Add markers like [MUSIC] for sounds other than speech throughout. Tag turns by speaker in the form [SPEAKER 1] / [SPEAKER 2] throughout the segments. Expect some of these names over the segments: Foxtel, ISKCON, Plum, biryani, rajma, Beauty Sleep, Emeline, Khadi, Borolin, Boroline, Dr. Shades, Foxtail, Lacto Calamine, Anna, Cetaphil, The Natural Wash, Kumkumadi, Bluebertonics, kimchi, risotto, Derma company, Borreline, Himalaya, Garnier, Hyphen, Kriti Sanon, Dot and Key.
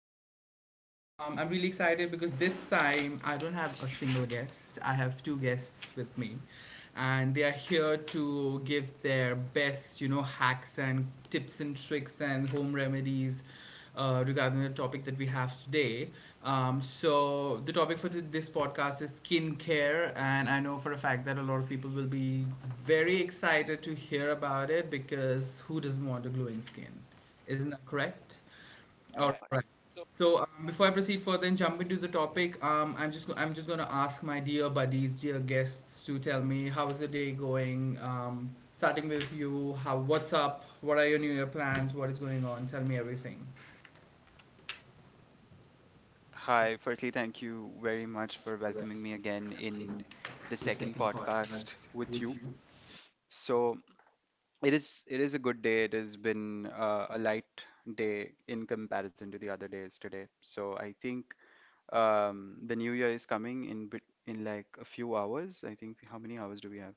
[SPEAKER 1] to my podcast. I'm really excited because this time I don't have a single guest. I have two guests with me, and they are here to give their best, you know, hacks and tips and tricks and home remedies regarding the topic that we have today. So the topic for this podcast is skincare, and I know for a fact that a lot of people will be very excited to hear about it because who doesn't want a glowing skin? Isn't that correct? All right. So before I proceed further and jump into the topic, I'm just gonna ask my dear buddies, dear guests, to tell me how is the day going. Starting with you, how what's up? What are your New Year plans? What is going on? Tell me everything.
[SPEAKER 2] Hi, firstly, thank you very much for welcoming me again in the second podcast with you. So it is a good day. It has been a light day in comparison to the other days today. So I think the new year is coming in bit in like a few hours. I think how many hours do we have?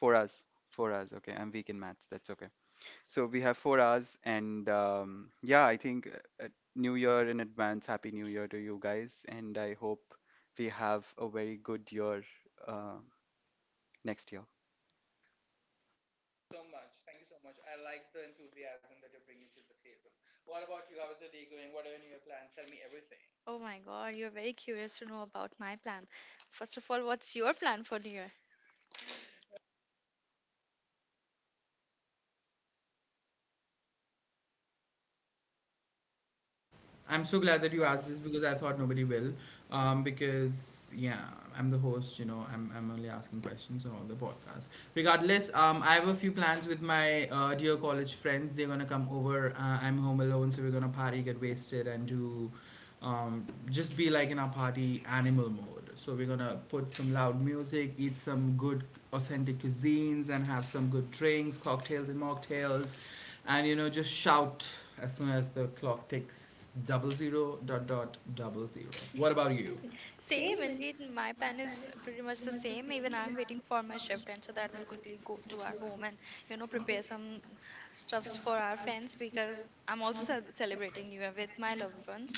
[SPEAKER 2] 4 hours. 4 hours. Okay, I'm weak in maths. That's okay. So we have 4 hours, and yeah, I think uh, uh, New Year in advance. Happy New Year to you guys, and I hope we have a very good year uh, next year.
[SPEAKER 3] Oh my god, you're very curious to know about my plan. First of all, what's your plan for New Year?
[SPEAKER 1] I'm so glad that you asked this because I thought nobody will. Because yeah, I'm the host. You know, I'm only asking questions on all the podcasts. Regardless, I have a few plans with my dear college friends. They're gonna come over. I'm home alone, so we're gonna party, get wasted, and do, um, just be like in our party animal mode. So we're gonna put some loud music, eat some good authentic cuisines, and have some good drinks, cocktails and mocktails, and you know just shout as soon as the clock ticks double zero dot dot double zero. What about you?
[SPEAKER 3] Same, indeed. My plan is pretty much the same. Even I'm waiting for my shift, and so that will quickly go to our home and prepare some stuffs for our friends because I'm also celebrating New Year with my loved ones.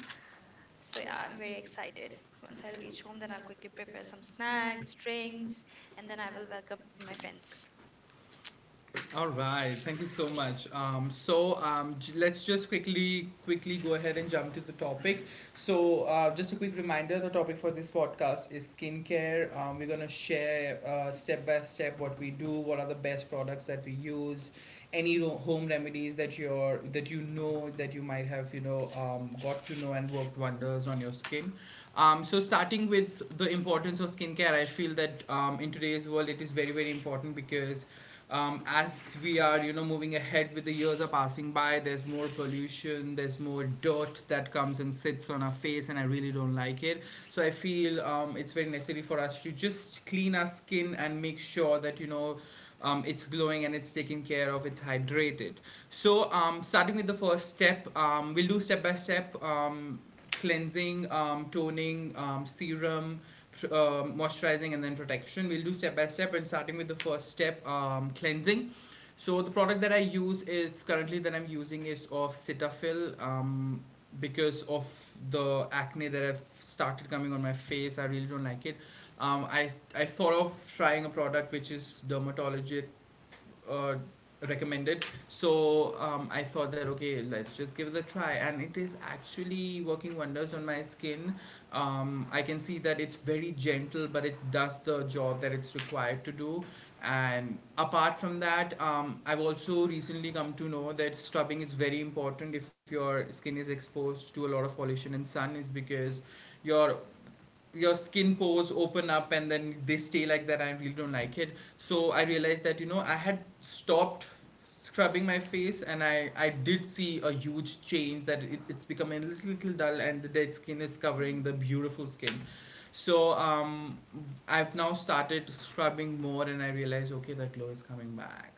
[SPEAKER 3] So yeah, I'm very excited. Once I reach home, then I'll quickly prepare some snacks, drinks, and then I will welcome my friends.
[SPEAKER 1] All right, thank you so much. Let's just quickly quickly go ahead and jump to the topic. So just a quick reminder, the topic for this podcast is skincare. We're gonna share step by step what we do, what are the best products that we use, any home remedies that you know that you might have you know got to know and worked wonders on your skin. So starting with the importance of skincare, I feel that in today's world it is very very important because as we are you know moving ahead with the years are passing by, there's more pollution, there's more dirt that comes and sits on our face, and I really don't like it. So I feel it's very necessary for us to just clean our skin and make sure that you know it's glowing and it's taken care of, it's hydrated. So starting with the first step, we'll do step by step. Cleansing, toning, serum, moisturizing, and then protection. We'll do step by step, and starting with the first step, cleansing. So the product that I use is currently that I'm using is of Cetaphil. Because of the acne that I have started coming on my face, I really don't like it. Um, I I thought of trying a product which is dermatologic uh, recommended. So I thought that okay, let's just give it a try, and it is actually working wonders on my skin. I can see that it's very gentle but it does the job that it's required to do. And apart from that, I've also recently come to know that scrubbing is very important if your skin is exposed to a lot of pollution and sun, is because your your skin pores open up and then they stay like that. I really don't like it. So I realized that, you know, I had stopped scrubbing my face, and I did see a huge change that it's becoming a little dull and the dead skin is covering the beautiful skin. So I've now started scrubbing more and I realized, okay, that glow is coming back.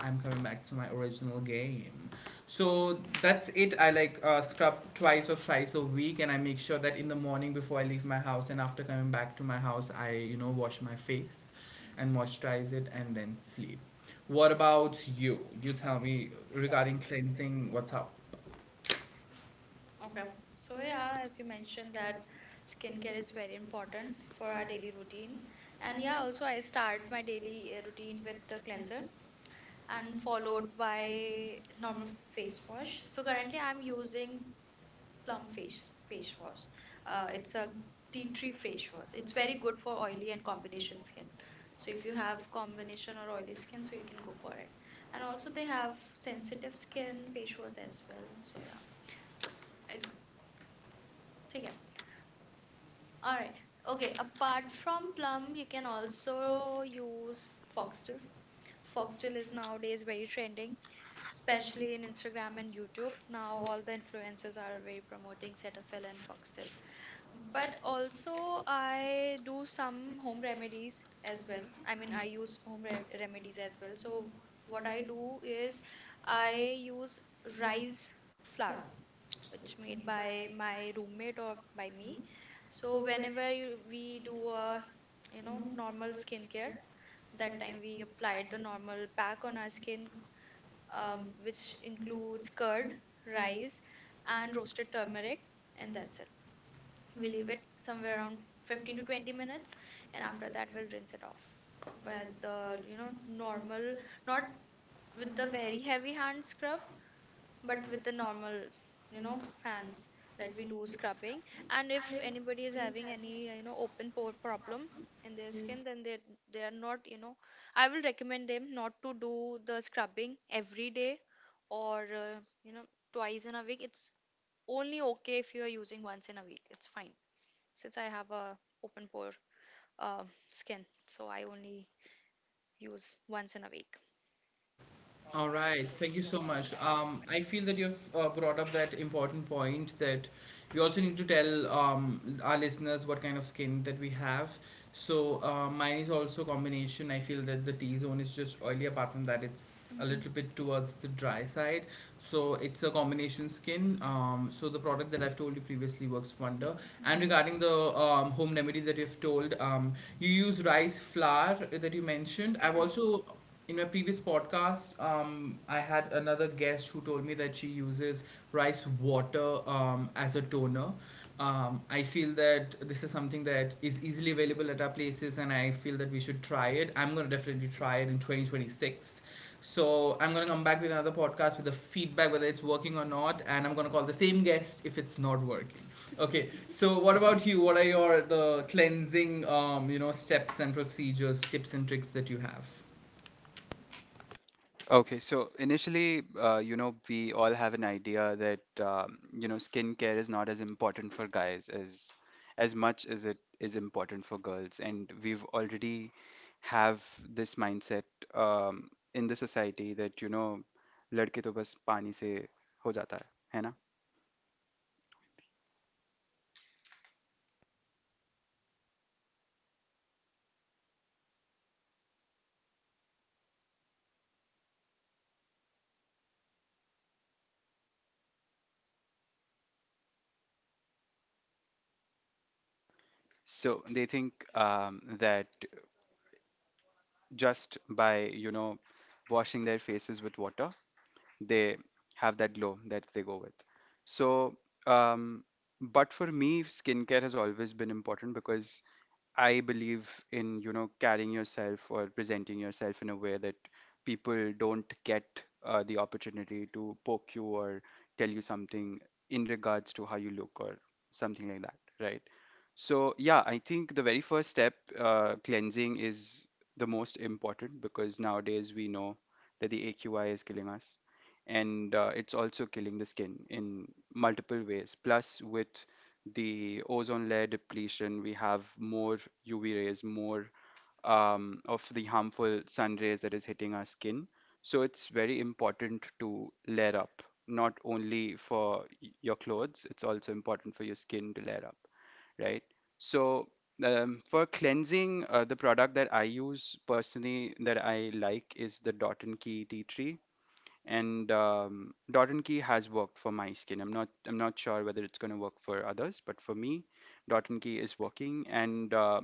[SPEAKER 1] I'm coming back to my original game. So that's it. I like scrub twice or thrice a week, and I make sure that in the morning before I leave my house and after coming back to my house, I you know wash my face, and moisturize it, and then sleep. What about you? You tell me regarding cleansing. What's up?
[SPEAKER 3] Okay. So yeah, as you mentioned that skincare is very important for our daily routine. And yeah, also I start my daily routine with the cleanser and followed by normal face wash. So currently I'm using Plum face wash. It's a tea tree face wash. It's very good for oily and combination skin. So if you have combination or oily skin, so you can go for it. And also they have sensitive skin face wash as well. So yeah, I take. All right. Okay. Apart from plum, you can also use Foxtel. Foxtel is nowadays very trending, especially in Instagram and YouTube. Now all the influencers are very promoting Cetaphil and Foxtel. But also I do some home remedies as well. I mean, I use home rem remedies as well. So what I do is I use rice flour which made by my roommate or by me. So whenever we do a normal skincare, that time we applied the normal pack on our skin, which includes curd, rice, and roasted turmeric, and that's it. We leave it somewhere around 15 to 20 minutes, and after that we'll rinse it off with the normal, not with the very heavy hand scrub but with the normal you know hands that we do scrubbing. And if anybody is having any open pore problem in their skin, then they are not, I will recommend them not to do the scrubbing every day, or you know, twice in a week. It's only okay. If you are using once in a week, it's fine. Since I have a open pore uh, skin, so I only use once in a week.
[SPEAKER 1] All right, thank you so much. I feel that you've brought up that important point that we also need to tell our listeners what kind of skin that we have. So mine is also combination. I feel that the T zone is just oily. Apart from that, it's a Mhm. little bit towards the dry side. So it's a combination skin. So the product that I've told you previously works wonder. And regarding the home remedy that you've told, you use rice flour that you mentioned. I've
[SPEAKER 3] Yeah.
[SPEAKER 1] also in my previous podcast, I had another guest who told me that she uses rice water as a toner. I feel that this is something that is easily available at our places, and I feel that we should try it. I'm going to definitely try it in 2026. So I'm going to come back with another podcast with the feedback whether it's working or not, and I'm going to call the same guest if it's not working. Okay, so what about you? What are your the cleansing, you know, steps and procedures, tips and tricks that you have?
[SPEAKER 2] Okay, so initially, we all have an idea that skincare is not as important for guys as much as it is important for girls, and we've already have this mindset in the society that you know, लड़के तो बस पानी से हो जाता है, है ना? So they think that just by, you know, washing their faces with water, they have that glow that they go with. So, um, but for me, skincare has always been important because I believe in, you know, carrying yourself or presenting yourself in a way that people don't get the opportunity to poke you or tell you something in regards to how you look or something like that, right? So, yeah, I think the very first step, cleansing, is the most important because nowadays we know that the AQI is killing us and it's also killing the skin in multiple ways. Plus, with the ozone layer depletion, we have more UV rays, more of the harmful sun rays that is hitting our skin. So, it's very important to layer up, not only for your clothes, it's also important for your skin to layer up, right? So, for cleansing, the product that I use personally that I like is the Dot and Key Tea Tree, and Dot and Key has worked for my skin. I'm not sure whether it's going to work for others, but for me Dot and Key is working. And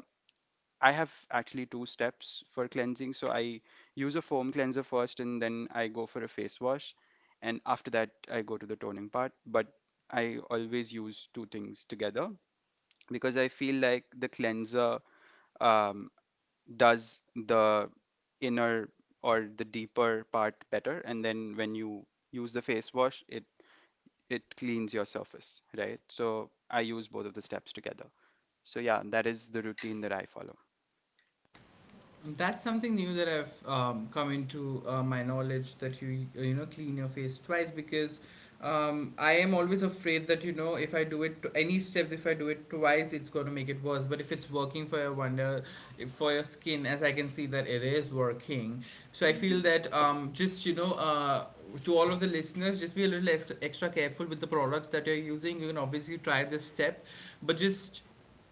[SPEAKER 2] I have actually two steps for cleansing. So I use a foam cleanser first, and then I go for a face wash, and after that I go to the toning part. But I always use two things together because I feel like the cleanser um, does the inner or the deeper part better, and then when you use the face wash it it cleans your surface, right? So I use both of the steps together. So yeah, that is the routine that I follow.
[SPEAKER 1] That's something new that I've come into my knowledge, that you you know clean your face twice. Because I am always afraid that you know if I do it to any step, if I do it twice it's going to make it worse. But if it's working for your wonder, if for your skin, as I can see that it is working, so I feel that just you know to all of the listeners, just be a little extra, extra careful with the products that you're using. You can obviously try this step, but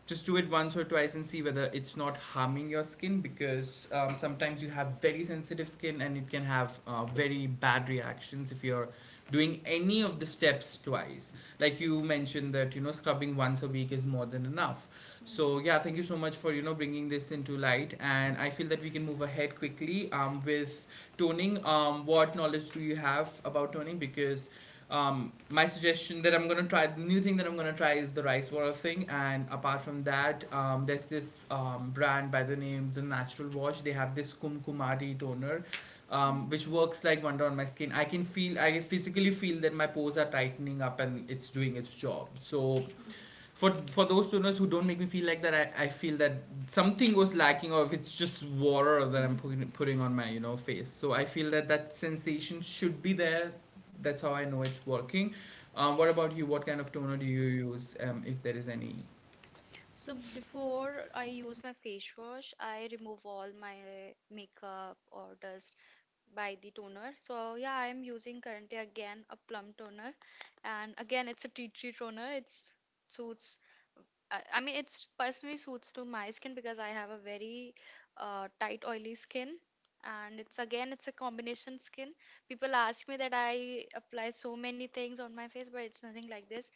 [SPEAKER 1] just do it once or twice and see whether it's not harming your skin. Because sometimes you have very sensitive skin and it can have very bad reactions if you're doing any of the steps twice, like you mentioned that you know scrubbing once a week is more than enough. So yeah, thank you so much for you know bringing this into light, and I feel that we can move ahead quickly with toning. What knowledge do you have about toning? Because my suggestion that I'm gonna try, the new thing that I'm gonna try is the rice water thing. And apart from that, there's this brand by the name The Natural Wash. They have this Kumkumadi toner, which works like wonder on my skin. I can feel, I physically feel that my pores are tightening up and it's doing its job. So for those tuners who don't make me feel like that, I feel that something was lacking, or if it's just water that I'm putting on my you know face. So I feel that that sensation should be there. That's how I know it's working. What about you? What kind of toner do you use, if there is any?
[SPEAKER 3] So before I use my face wash, I remove all my makeup or dust by the toner. So yeah, I am using currently again a plum toner, and again it's a tea tree toner. It's suits. I mean, it's personally suits to my skin because I have a very tight oily skin, and it's again it's a combination skin. People ask me that I apply so many things on my face, but it's nothing like this.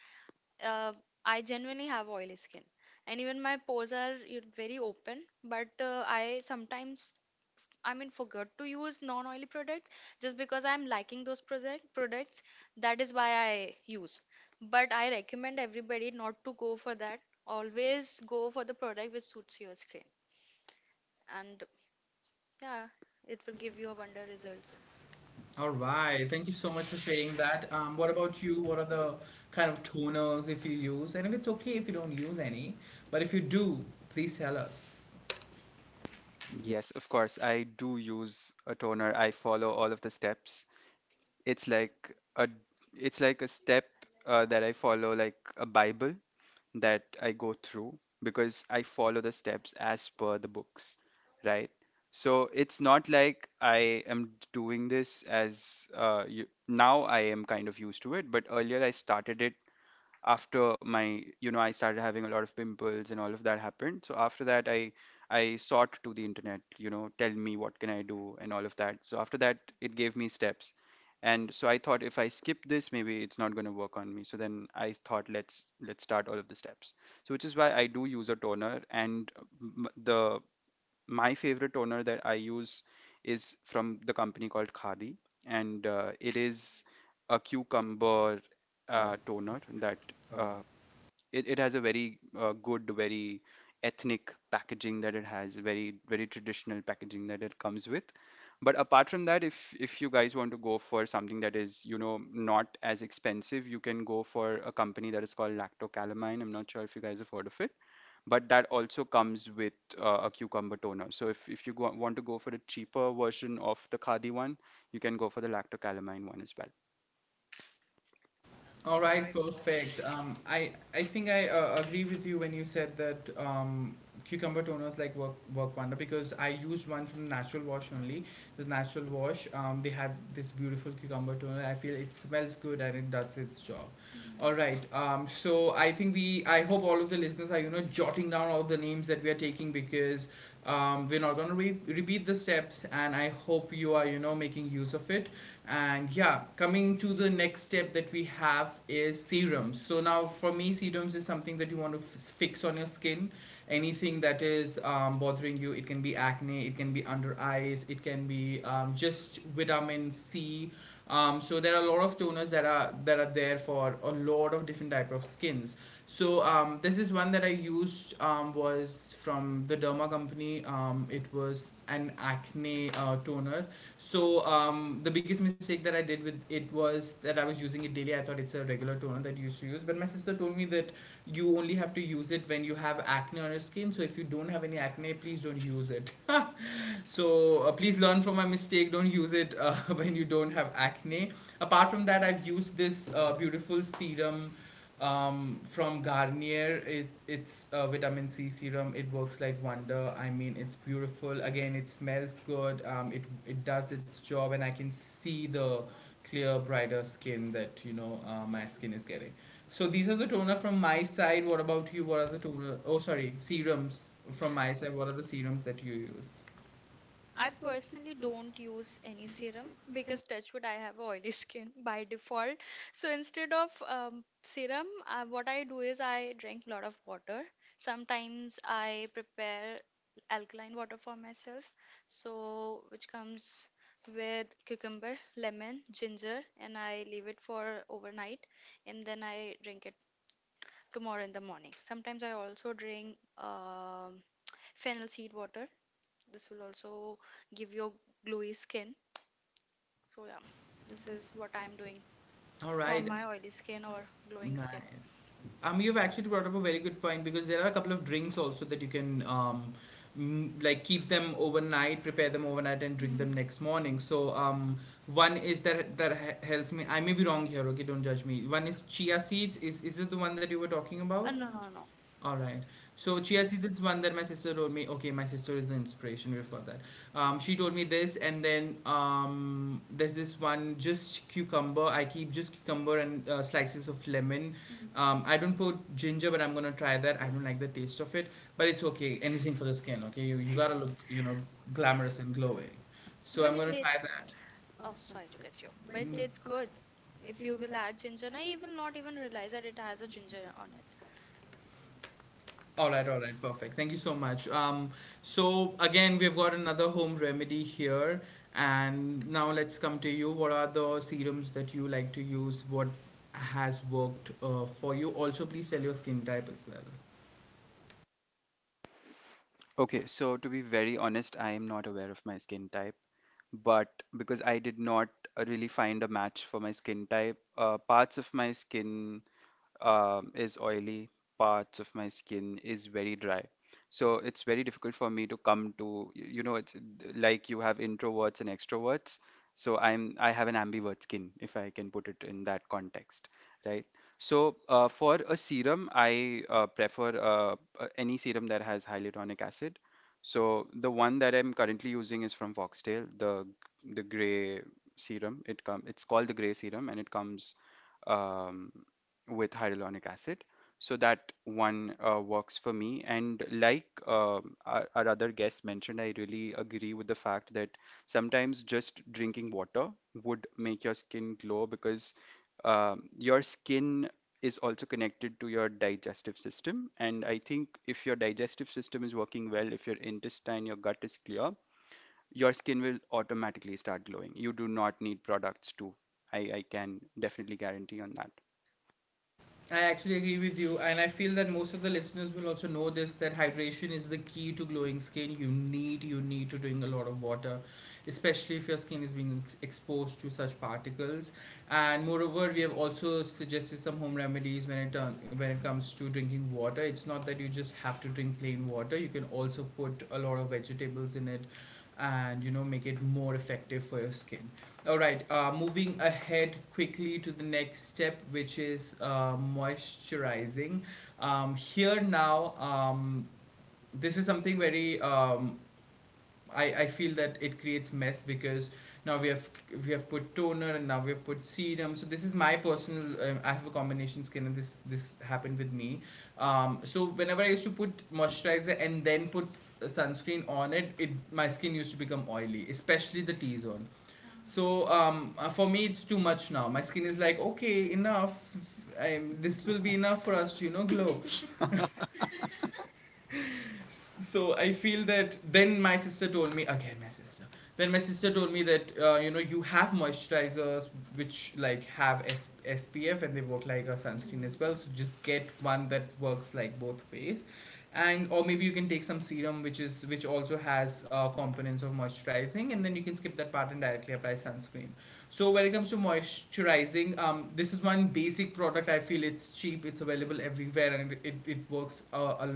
[SPEAKER 3] uh, I genuinely have oily skin, and even my pores are, you know, very open. But I sometimes, I mean, forgot to use non-oily products just because I'm liking those products. That is why I use. But I recommend everybody not to go for that. Always go for the product which suits your skin, and yeah, it will give you a wonder results.
[SPEAKER 1] All right, thank you so much for sharing that. What about you? What are the kind of toners, if you use, and if it's okay if you don't use any, but if you do, please tell us.
[SPEAKER 2] Yes, of course I do use a toner. I follow all of the steps. It's like a it's like a step that I follow like a bible that I go through, because I follow the steps as per the books, right? So it's not like I am doing this as now I am kind of used to it, but earlier I started it after my you know I started having a lot of pimples and all of that happened. So after that I sought to the internet, you know, tell me what can I do and all of that. So after that it gave me steps, and so I thought if I skip this maybe it's not going to work on me. So then I thought let's start all of the steps. So which is why I do use a toner. And the my favorite toner that I use is from the company called Khadi, and it is a cucumber toner. That uh, it, it has a very good, very ethnic packaging that it has, very very traditional packaging that it comes with. But apart from that, if you guys want to go for something that is you know not as expensive, you can go for a company that is called Lacto Calamine. I'm not sure if you guys have heard of it, but that also comes with a cucumber toner. So if you go, want to go for a cheaper version of the Khadi one, you can go for the Lactocalamine one as well.
[SPEAKER 1] All right, perfect. I think I agree with you when you said that cucumber toners like work wonder, because I used one from Natural Wash only. The Natural Wash, they had this beautiful cucumber toner. I feel it smells good and it does its job. All right. So I think I hope all of the listeners are, you know, jotting down all the names that we are taking, because we're not going to repeat the steps. And I hope you are, you know, making use of it. And yeah, coming to the next step that we have is serums. So now for me, serums is something that you want to fix on your skin. Anything that is bothering you, it can be acne, it can be under eyes, it can be just vitamin C. So there are a lot of toners that are there for a lot of different type of skins. So this is one that I used, was from the Derma company. It was an acne toner. So the biggest mistake that I did with it was that I was using it daily. I thought it's a regular toner that you used to use, but my sister told me that you only have to use it when you have acne on your skin. So if you don't have any acne, please don't use it. So please learn from my mistake. Don't use it [LAUGHS] when you don't have acne. Apart from that, I've used this beautiful serum from Garnier. It's a vitamin C serum. It works like wonder. I mean, it's beautiful. Again, it smells good. It does its job, and I can see the clear, brighter skin that my skin is getting. So these are the toner from my side. What about you? What are the toner? Oh, sorry, serums from my side. What are the serums that you use?
[SPEAKER 3] I personally don't use any serum because touch wood I have oily [LAUGHS] skin by default. So instead of serum, what I do is I drink a lot of water. Sometimes I prepare alkaline water for myself, so which comes with cucumber, lemon, ginger, and I leave it for overnight, and then I drink it tomorrow in the morning. Sometimes I also drink fennel seed water. This will also give your glowy skin. So yeah, this is what I'm doing
[SPEAKER 1] All
[SPEAKER 3] for
[SPEAKER 1] right.
[SPEAKER 3] my oily skin or glowing skin.
[SPEAKER 1] Nice. You've actually brought up a very good point because there are a couple of drinks also that you can like keep them overnight, prepare them overnight, and drink them next morning. So one is that helps me. I may be wrong here. Okay, don't judge me. One is chia seeds. Is it the one that you were talking No. about?
[SPEAKER 3] Uh, no, no, no.
[SPEAKER 1] All right. So chia seeds is one that my sister told me. Okay, my sister is the inspiration. We've got that. She told me this, and then there's this one just cucumber. I keep just cucumber and slices of lemon. I don't put ginger, but I'm gonna try that. I don't like the taste of it, but it's okay. Anything for the skin, okay? You gotta look, you know, glamorous and glowing. So
[SPEAKER 3] But
[SPEAKER 1] I'm
[SPEAKER 3] it
[SPEAKER 1] gonna try
[SPEAKER 3] tastes.
[SPEAKER 1] that.
[SPEAKER 3] Oh, sorry to get you. But it tastes good. If you will add ginger, and I will not even realize that it has a ginger on it.
[SPEAKER 1] All right, perfect. Thank you so much. So again, we've got another home remedy here, and now let's come to you. What are the serums that you like to use? What has worked for you? Also, please tell your skin type as well.
[SPEAKER 2] Okay, so to be very honest, I am not aware of my skin type, but because I did not really find a match for my skin type, parts of my skin is oily, parts of my skin is very dry. So it's very difficult for me to come to, you know, it's like you have introverts and extroverts. So I have an ambivert skin, if I can put it in that context, right? So for a serum, I prefer any serum that has hyaluronic acid. So the one that I'm currently using is from Foxtail, the gray serum. It's called the gray serum, and it comes. Um, with hyaluronic acid. So that one works for me. And like our other guest mentioned, I really agree with the fact that sometimes just drinking water would make your skin glow, because your skin is also connected to your digestive system. And I think if your digestive system is working well, if your intestine, your gut is clear, your skin will automatically start glowing. You do not need products to. I can definitely guarantee on that.
[SPEAKER 1] I actually agree with you, and I feel that most of the listeners will also know this, that hydration is the key to glowing skin. You need to drink a lot of water, especially if your skin is being exposed to such particles. And moreover, we have also suggested some home remedies when it comes to drinking water. It's not that you just have to drink plain water. You can also put a lot of vegetables in it and you know make it more effective for your skin. All right, moving ahead quickly to the next step, which is moisturizing. Here now This is something very I feel that it creates mess because now we have put toner and now we have put serum. So this is my personal. I have a combination skin and this happened with me. So whenever I used to put moisturizer and then put sunscreen on it, it my skin used to become oily, especially the T zone. So for me, it's too much now. My skin is like, okay, enough. I this will be enough for us to you know glow.
[SPEAKER 2] [LAUGHS]
[SPEAKER 1] So I feel that then my sister told me. Again my sister then My sister told me that you know, you have moisturizers which like have S- SPF, and they work like a sunscreen as well. So just get one that works like both ways, and or maybe you can take some serum which is which also has components of moisturizing, and then you can skip that part and directly apply sunscreen. So when it comes to moisturizing, this is one basic product. I feel it's cheap, it's available everywhere, and works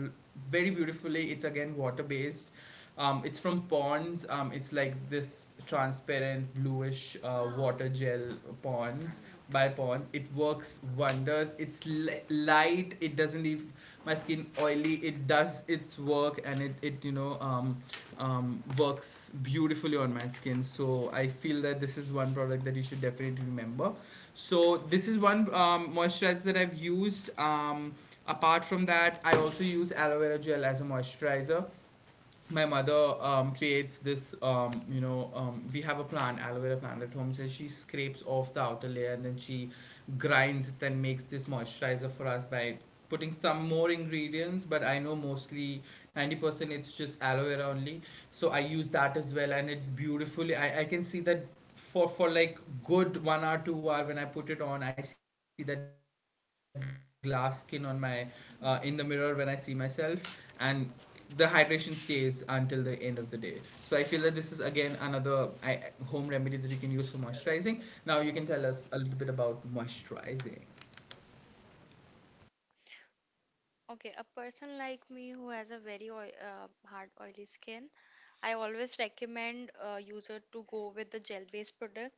[SPEAKER 1] very beautifully. It's again water based. It's from Ponds. It's like this transparent bluish water gel. Ponds By Ponds. It works wonders. It's light. It doesn't leave my skin oily. It does its work, and it you know works beautifully on my skin. So I feel that this is one product that you should definitely remember. So this is one moisturizer that I've used. Apart from that, I also use aloe vera gel as a moisturizer. My mother creates this, we have a plant, aloe vera plant at home. So she scrapes off the outer layer, and then she grinds it and makes this moisturizer for us by putting some more ingredients. But I know mostly 90% it's just aloe vera only. So I use that as well, and it beautifully, I can see that for like good one hour two hour, when I put it on I see that glass skin on my in the mirror when I see myself, and the hydration stays until the end of the day. So I feel that this is again another home remedy that you can use for moisturizing. Now you can tell us a little bit about moisturizing.
[SPEAKER 3] Okay, a person like me who has a very oil, hard oily skin, I always recommend a user to go with the gel-based product,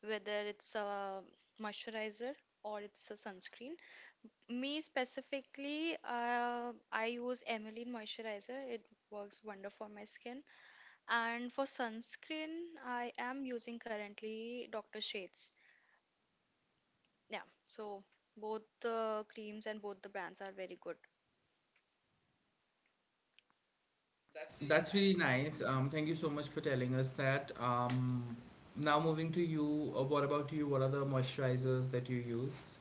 [SPEAKER 3] whether it's a moisturizer or it's a sunscreen. Me specifically, I use Emeline moisturizer. It works wonder for my skin. And for sunscreen, I am using currently Dr. Shades. Yeah, so both the creams and both the brands are very good.
[SPEAKER 1] That's really nice. Thank you so much for telling us that. Now moving to you, what about you? What are the moisturizers that you use?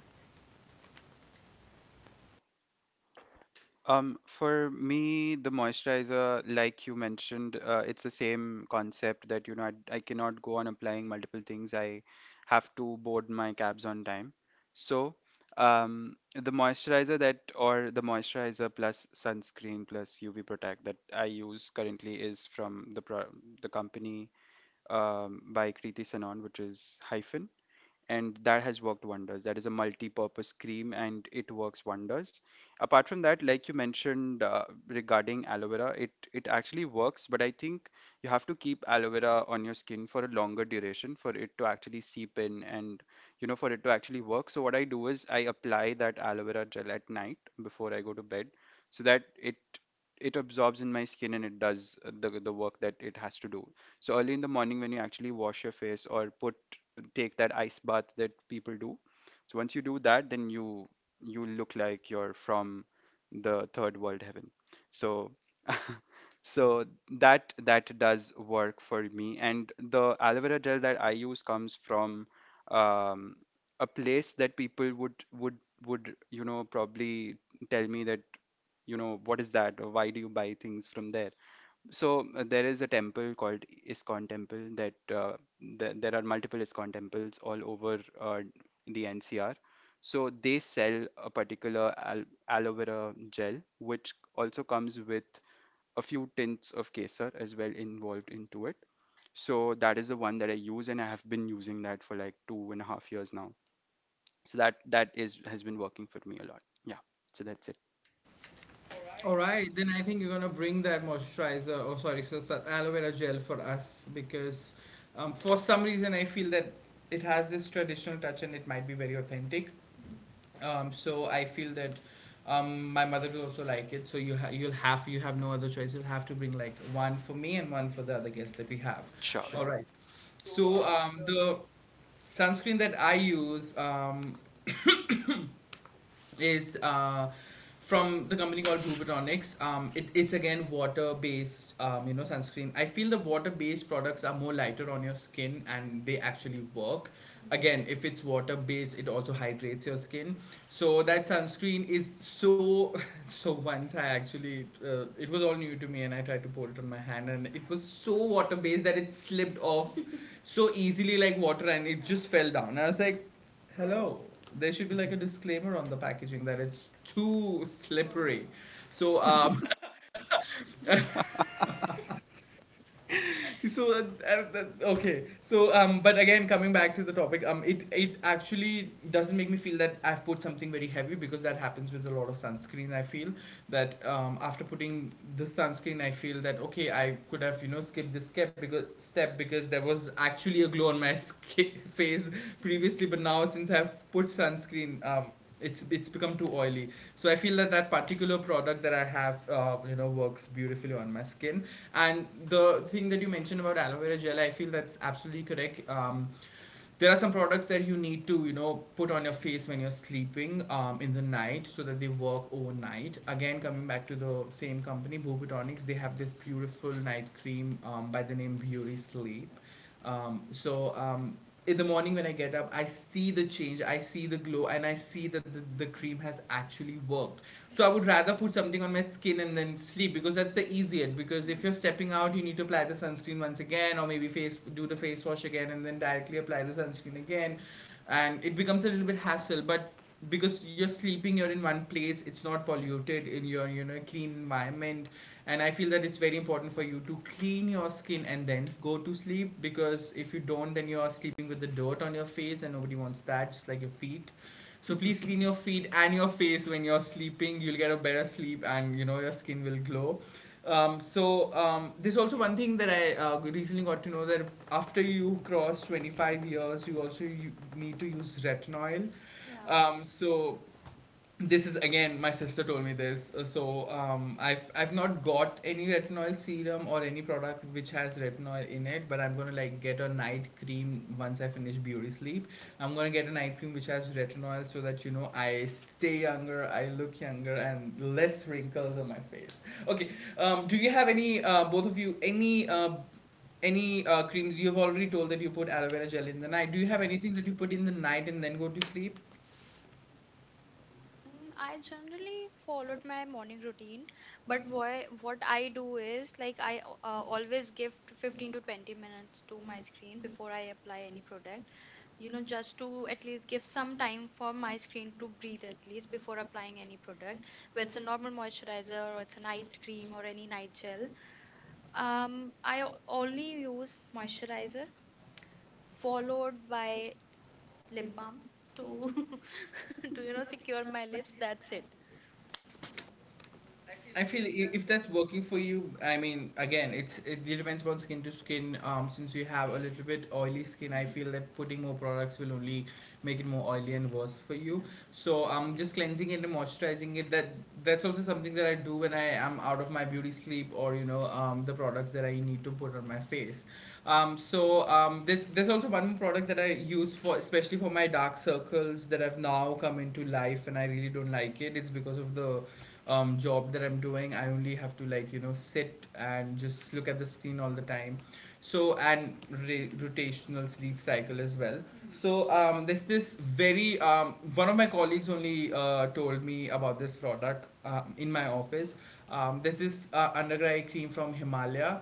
[SPEAKER 2] For me, the moisturizer, like you mentioned, it's the same concept that you know I cannot go on applying multiple things. I have to board my cabs on time. So, the moisturizer that or the moisturizer plus sunscreen plus UV protect that I use currently is from the company by Kriti Sanon, which is Hyphen, and that has worked wonders. That is a multi-purpose cream, and it works wonders. Apart from that, like you mentioned regarding aloe vera, it actually works, but I think you have to keep aloe vera on your skin for a longer duration for it to actually seep in and you know for it to actually work. So what I do is I apply that aloe vera gel at night before I go to bed, so that it absorbs in my skin and it does the work that it has to do. So early in the morning when you actually wash your face or put take that ice bath that people do. So once you do that, then you look like you're from the third world heaven. So [LAUGHS] so that that does work for me. And the aloe vera gel that I use comes from um, a place that people would you know probably tell me that you know what is that or why do you buy things from there. So there is a temple called ISKCON temple that there are multiple ISKCON temples all over the NCR. So they sell a particular aloe vera gel, which also comes with a few tints of kesar as well involved into it. So that is the one that I use, and I have been using that for like 2.5 years now. So that that is has been working for me a lot. Yeah. So that's it.
[SPEAKER 1] All right, then I think you're gonna bring that moisturizer, or sorry, so aloe vera gel for us because for some reason I feel that it has this traditional touch and it might be very authentic. So I feel that my mother will also like it. So you have no other choice. You'll have to bring like one for me and one for the other guests that we have.
[SPEAKER 2] Sure.
[SPEAKER 1] All Sure. right. So the sunscreen that I use, is from the company called Bluebertonics. It's again water-based, you know, sunscreen. I feel the water-based products are more lighter on your skin, and they actually work. Again, if it's water-based, it also hydrates your skin. So that sunscreen is so. [LAUGHS] So once I actually, it was all new to me, and I tried to pour it on my hand, and it was so water-based that it slipped off [LAUGHS] so easily like water, and it just fell down. I was like, hello. There should be like a disclaimer on the packaging that it's too slippery. So, [LAUGHS] but again, coming back to the topic, it it actually doesn't make me feel that I've put something very heavy, because that happens with a lot of sunscreen. I feel that after putting the sunscreen, I feel that okay, I could have you know skipped this step, because there was actually a glow on my [LAUGHS] skin, face previously, but now since I've put sunscreen, it's become too oily. So I feel that particular product that I have you know works beautifully on my skin. And the thing that you mentioned about aloe vera gel, I feel that's absolutely correct. There are some products that you need to, you know, put on your face when you're sleeping in the night, so that they work overnight. Again, coming back to the same company, Bobatonics, they have this beautiful night cream by the name Beauty Sleep. Um, so um, in the morning when I get up, I see the change, I see the glow, and I see that the cream has actually worked. So I would rather put something on my skin and then sleep because that's the easiest. Because if you're stepping out, you need to apply the sunscreen once again, or maybe face do the face wash again, and then directly apply the sunscreen again, and it becomes a little bit hassle. But because you're sleeping, you're in one place, it's not polluted, in your you know clean environment, and I feel that it's very important for you to clean your skin and then go to sleep, because if you don't, then you're sleeping with the dirt on your face, and nobody wants that, just like your feet. So please clean your feet and your face when you're sleeping. You'll get a better sleep, and you know your skin will glow. There's also one thing that I recently got to know, that after you cross 25 years, you also you need to use retinol.
[SPEAKER 3] Yeah.
[SPEAKER 1] um, so this is again, my sister told me this. I've not got any retinol serum or any product which has retinol in it, but I'm gonna like get a night cream once I finish Beauty Sleep. I'm gonna get a night cream which has retinol, so that you know I stay younger, I look younger, and less wrinkles on my face. Okay, do you have any both of you, any creams? You've already told that you put aloe vera gel in the night. Do you have anything that you put in the night and then go to sleep?
[SPEAKER 3] Mm, I generally followed my morning routine, but why, what I do is like I always give to 15 to 20 minutes to my screen before I apply any product, you know, just to at least give some time for my skin to breathe at least before applying any product, whether it's a normal moisturizer or it's a night cream or any night gel. I only use moisturizer followed by lip balm to [LAUGHS] to you know secure my lips. That's it.
[SPEAKER 1] I feel if that's working for you, I mean, again, it depends on skin to skin. Since you have a little bit oily skin, I feel that putting more products will only make it more oily and worse for you. So just cleansing it and moisturizing it. That's also something that I do when I am out of my beauty sleep or the products that I need to put on my face. There's also one more product that I use for especially for my dark circles that have now come into life and I really don't like it. It's because of the job that I'm doing. I only have to like sit and just look at the screen all the time. So and rotational sleep cycle as well. So there's this very one of my colleagues only told me about this product in my office. There's this under eye cream from Himalaya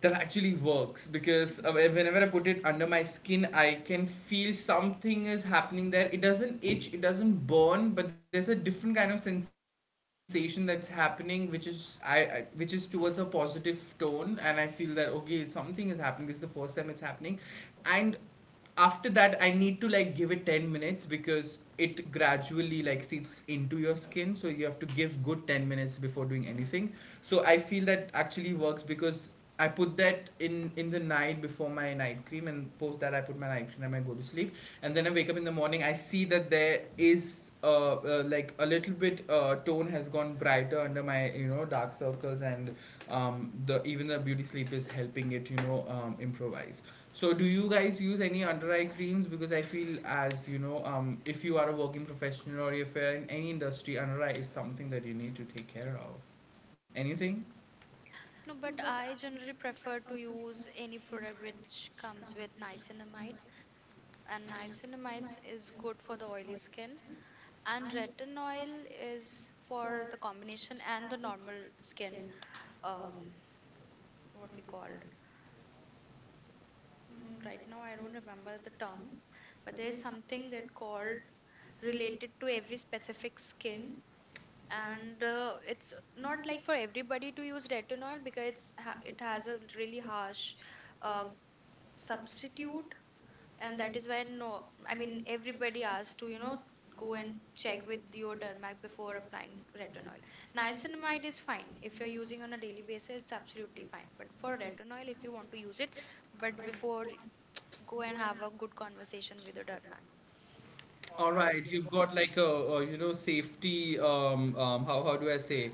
[SPEAKER 1] that actually works because whenever I put it under my skin, I can feel something is happening there. It doesn't itch, it doesn't burn, but there's a different kind of sensation that's happening, which is I which is towards a positive tone, and I feel that okay, something is happening. This is the first time it's happening, and after that I need to like give it 10 minutes because it gradually like seeps into your skin, so you have to give good 10 minutes before doing anything. So I feel that actually works because I put that in the night before my night cream, and post that I put my night cream and I go to sleep. And then I wake up in the morning, I see that there is like a little bit tone has gone brighter under my dark circles. And the even the beauty sleep is helping it, improvise. So do you guys use any under eye creams? Because I feel, as you know, if you are a working professional or if you're in any industry, under eye is something that you need to take care of. Anything?
[SPEAKER 3] No, but I generally prefer to use any product which comes with niacinamide, and niacinamide is good for the oily skin. And retinol is for the combination and the normal skin, um, what we called. Mm, right now, I don't remember the term, but there is something that called related to every specific skin. And it's not like for everybody to use retinol because it has a really harsh uh, substitute, and that is when no, I mean everybody asks to, you know, go and check with your dermac before applying retinol. Niacinamide is fine. If you're using on a daily basis, it's absolutely fine. But for retinol, if you want to use it, but before, go and have a good conversation with your dermac,
[SPEAKER 1] All right, you've got like a safety how do I say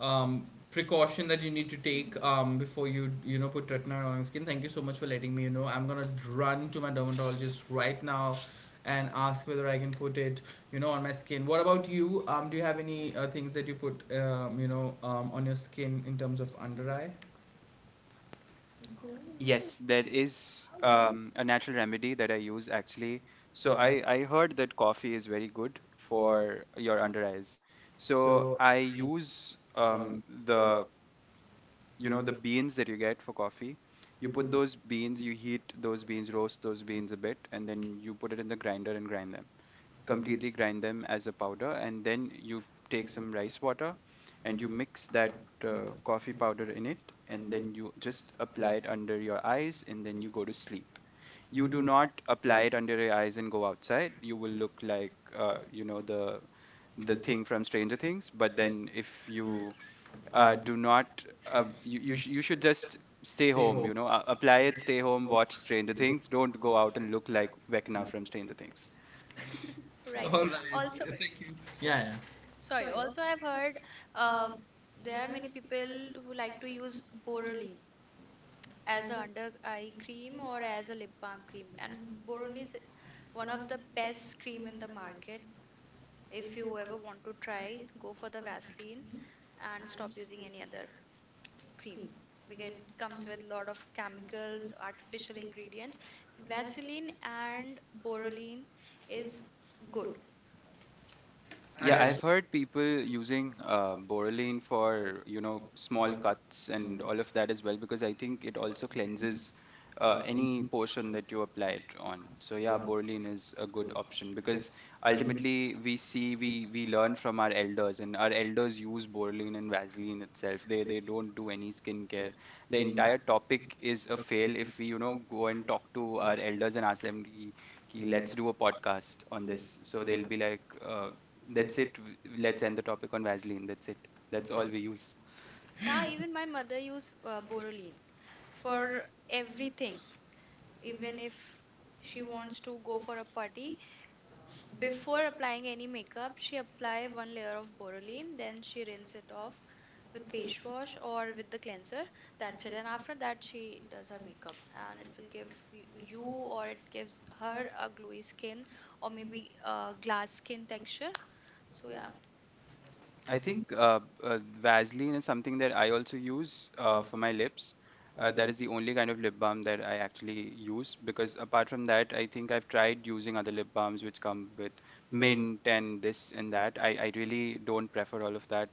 [SPEAKER 1] um precaution that you need to take before you you know put retinol on your skin. Thank you so much for letting me you know. I'm gonna run to my dermatologist right now and ask whether I can put it on my skin. What about you? Do you have any things that you put on your skin in terms of under eye?
[SPEAKER 2] Yes, there is a natural remedy that I use actually. So I heard that coffee is very good for your under eyes. So I use the you know the beans that you get for coffee. You put those beans, you heat those beans, roast those beans a bit, and then you put it in the grinder and grind them, completely grind them as a powder, and then you take some rice water and you mix that coffee powder in it, and then you just apply it under your eyes and then you go to sleep. You do not apply it under your eyes and go outside. You will look like you know the thing from Stranger Things. But then if you do not you, you should just stay home, you know, apply it, stay home, watch Stranger Things, don't go out and look like Vecna from Stranger Things.
[SPEAKER 3] right?
[SPEAKER 1] [LAUGHS] All right. Right,
[SPEAKER 3] Also,
[SPEAKER 1] thank you. Yeah, yeah.
[SPEAKER 3] sorry. Also, I've heard uh, there are many people who like to use boroli as a under eye cream or as a lip balm cream. And boron is one of the best cream in the market. If you ever want to try, go for the vaseline and stop using any other cream, because it comes with a lot of chemicals, artificial ingredients. Vaseline and borolene is good.
[SPEAKER 2] Yeah, I've heard people using Borreline for, you know, small cuts and all of that as well, because I think it also cleanses any portion that you apply it on. So yeah, Borreline is a good option because ultimately we see we learn from our elders, and our elders use Borreline and Vaseline itself. They don't do any skincare. The entire topic is a fail if we, you know, go and talk to our elders and ask them, Ki, let's do a podcast on this." So they'll be like, that's it. Let's end the topic on Vaseline. That's it. That's all we use.
[SPEAKER 3] Yeah, even my mother used borolene for everything. Even if she wants to go for a party, before applying any makeup, she apply one layer of Boroline, then she rinse it off with face wash or with the cleanser. That's it. And after that, she does her makeup, and it will give y- you, or it gives her a glowy skin, or maybe a glass skin texture. So yeah.
[SPEAKER 2] I think Vaseline is something that I also use for my lips. That is the only kind of lip balm that I actually use, because apart from that, I think I've tried using other lip balms which come with mint and this and that. I really don't prefer all of that.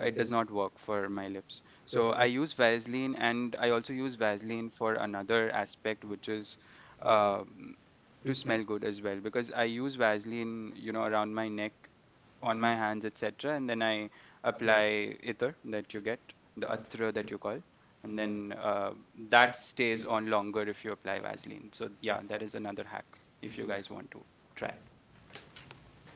[SPEAKER 2] It does not work for my lips. So I use Vaseline, and I also use Vaseline for another aspect, which is um, to smell good as well, because I use Vaseline, you know, around my neck, on my hands, etc. And then I apply ether that you get, the atra that you call, and then that stays on longer if you apply Vaseline. So yeah, that is another hack if you guys want to try.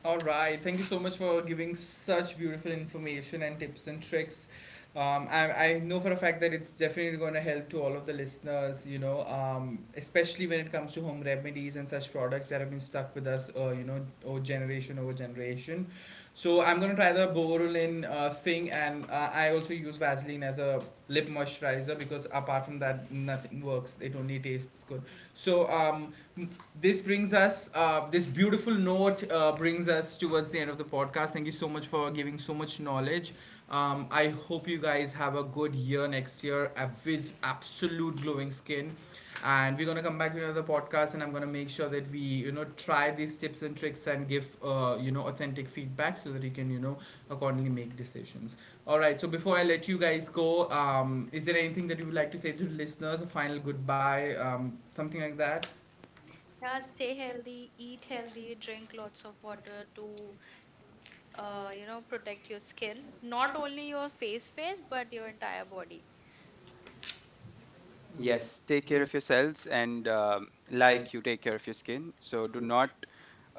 [SPEAKER 1] All right. Thank you so much for giving such beautiful information and tips and tricks. I know for a fact that it's definitely going to help to all of the listeners, you know, especially when it comes to home remedies and such products that have been stuck with us, you know, over generation over generation. So I'm going to try the Borolin thing, and I also use Vaseline as a lip moisturizer because apart from that, nothing works. It only tastes good. So this brings us this beautiful note brings us towards the end of the podcast. Thank you so much for giving so much knowledge. I hope you guys have a good year next year, with absolute glowing skin, and we're gonna come back to another podcast, and I'm gonna make sure that we, you know, try these tips and tricks and give, you know, authentic feedback so that you can, you know, accordingly make decisions. All right, so before I let you guys go, is there anything that you would like to say to the listeners? A final goodbye, something like that.
[SPEAKER 3] Yeah. Stay healthy, eat healthy, drink lots of water to you know protect your skin, not only your face but your entire body.
[SPEAKER 2] Yes, take care of yourselves, and like you take care of your skin. So do not.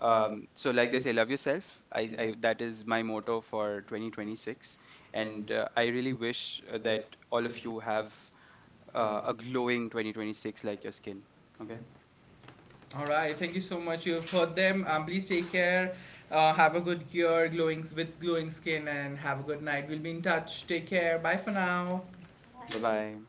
[SPEAKER 2] So like they say, love yourself. I that is my motto for 2026, and I really wish that all of you have a glowing 2026 like your skin. Okay.
[SPEAKER 1] All right, thank you so much. You've heard them. Please take care. Have a good cure, glowing with glowing skin, and have a good night. We'll be in touch. Take care. Bye for now.
[SPEAKER 2] Bye
[SPEAKER 3] Bye.
[SPEAKER 2] bye.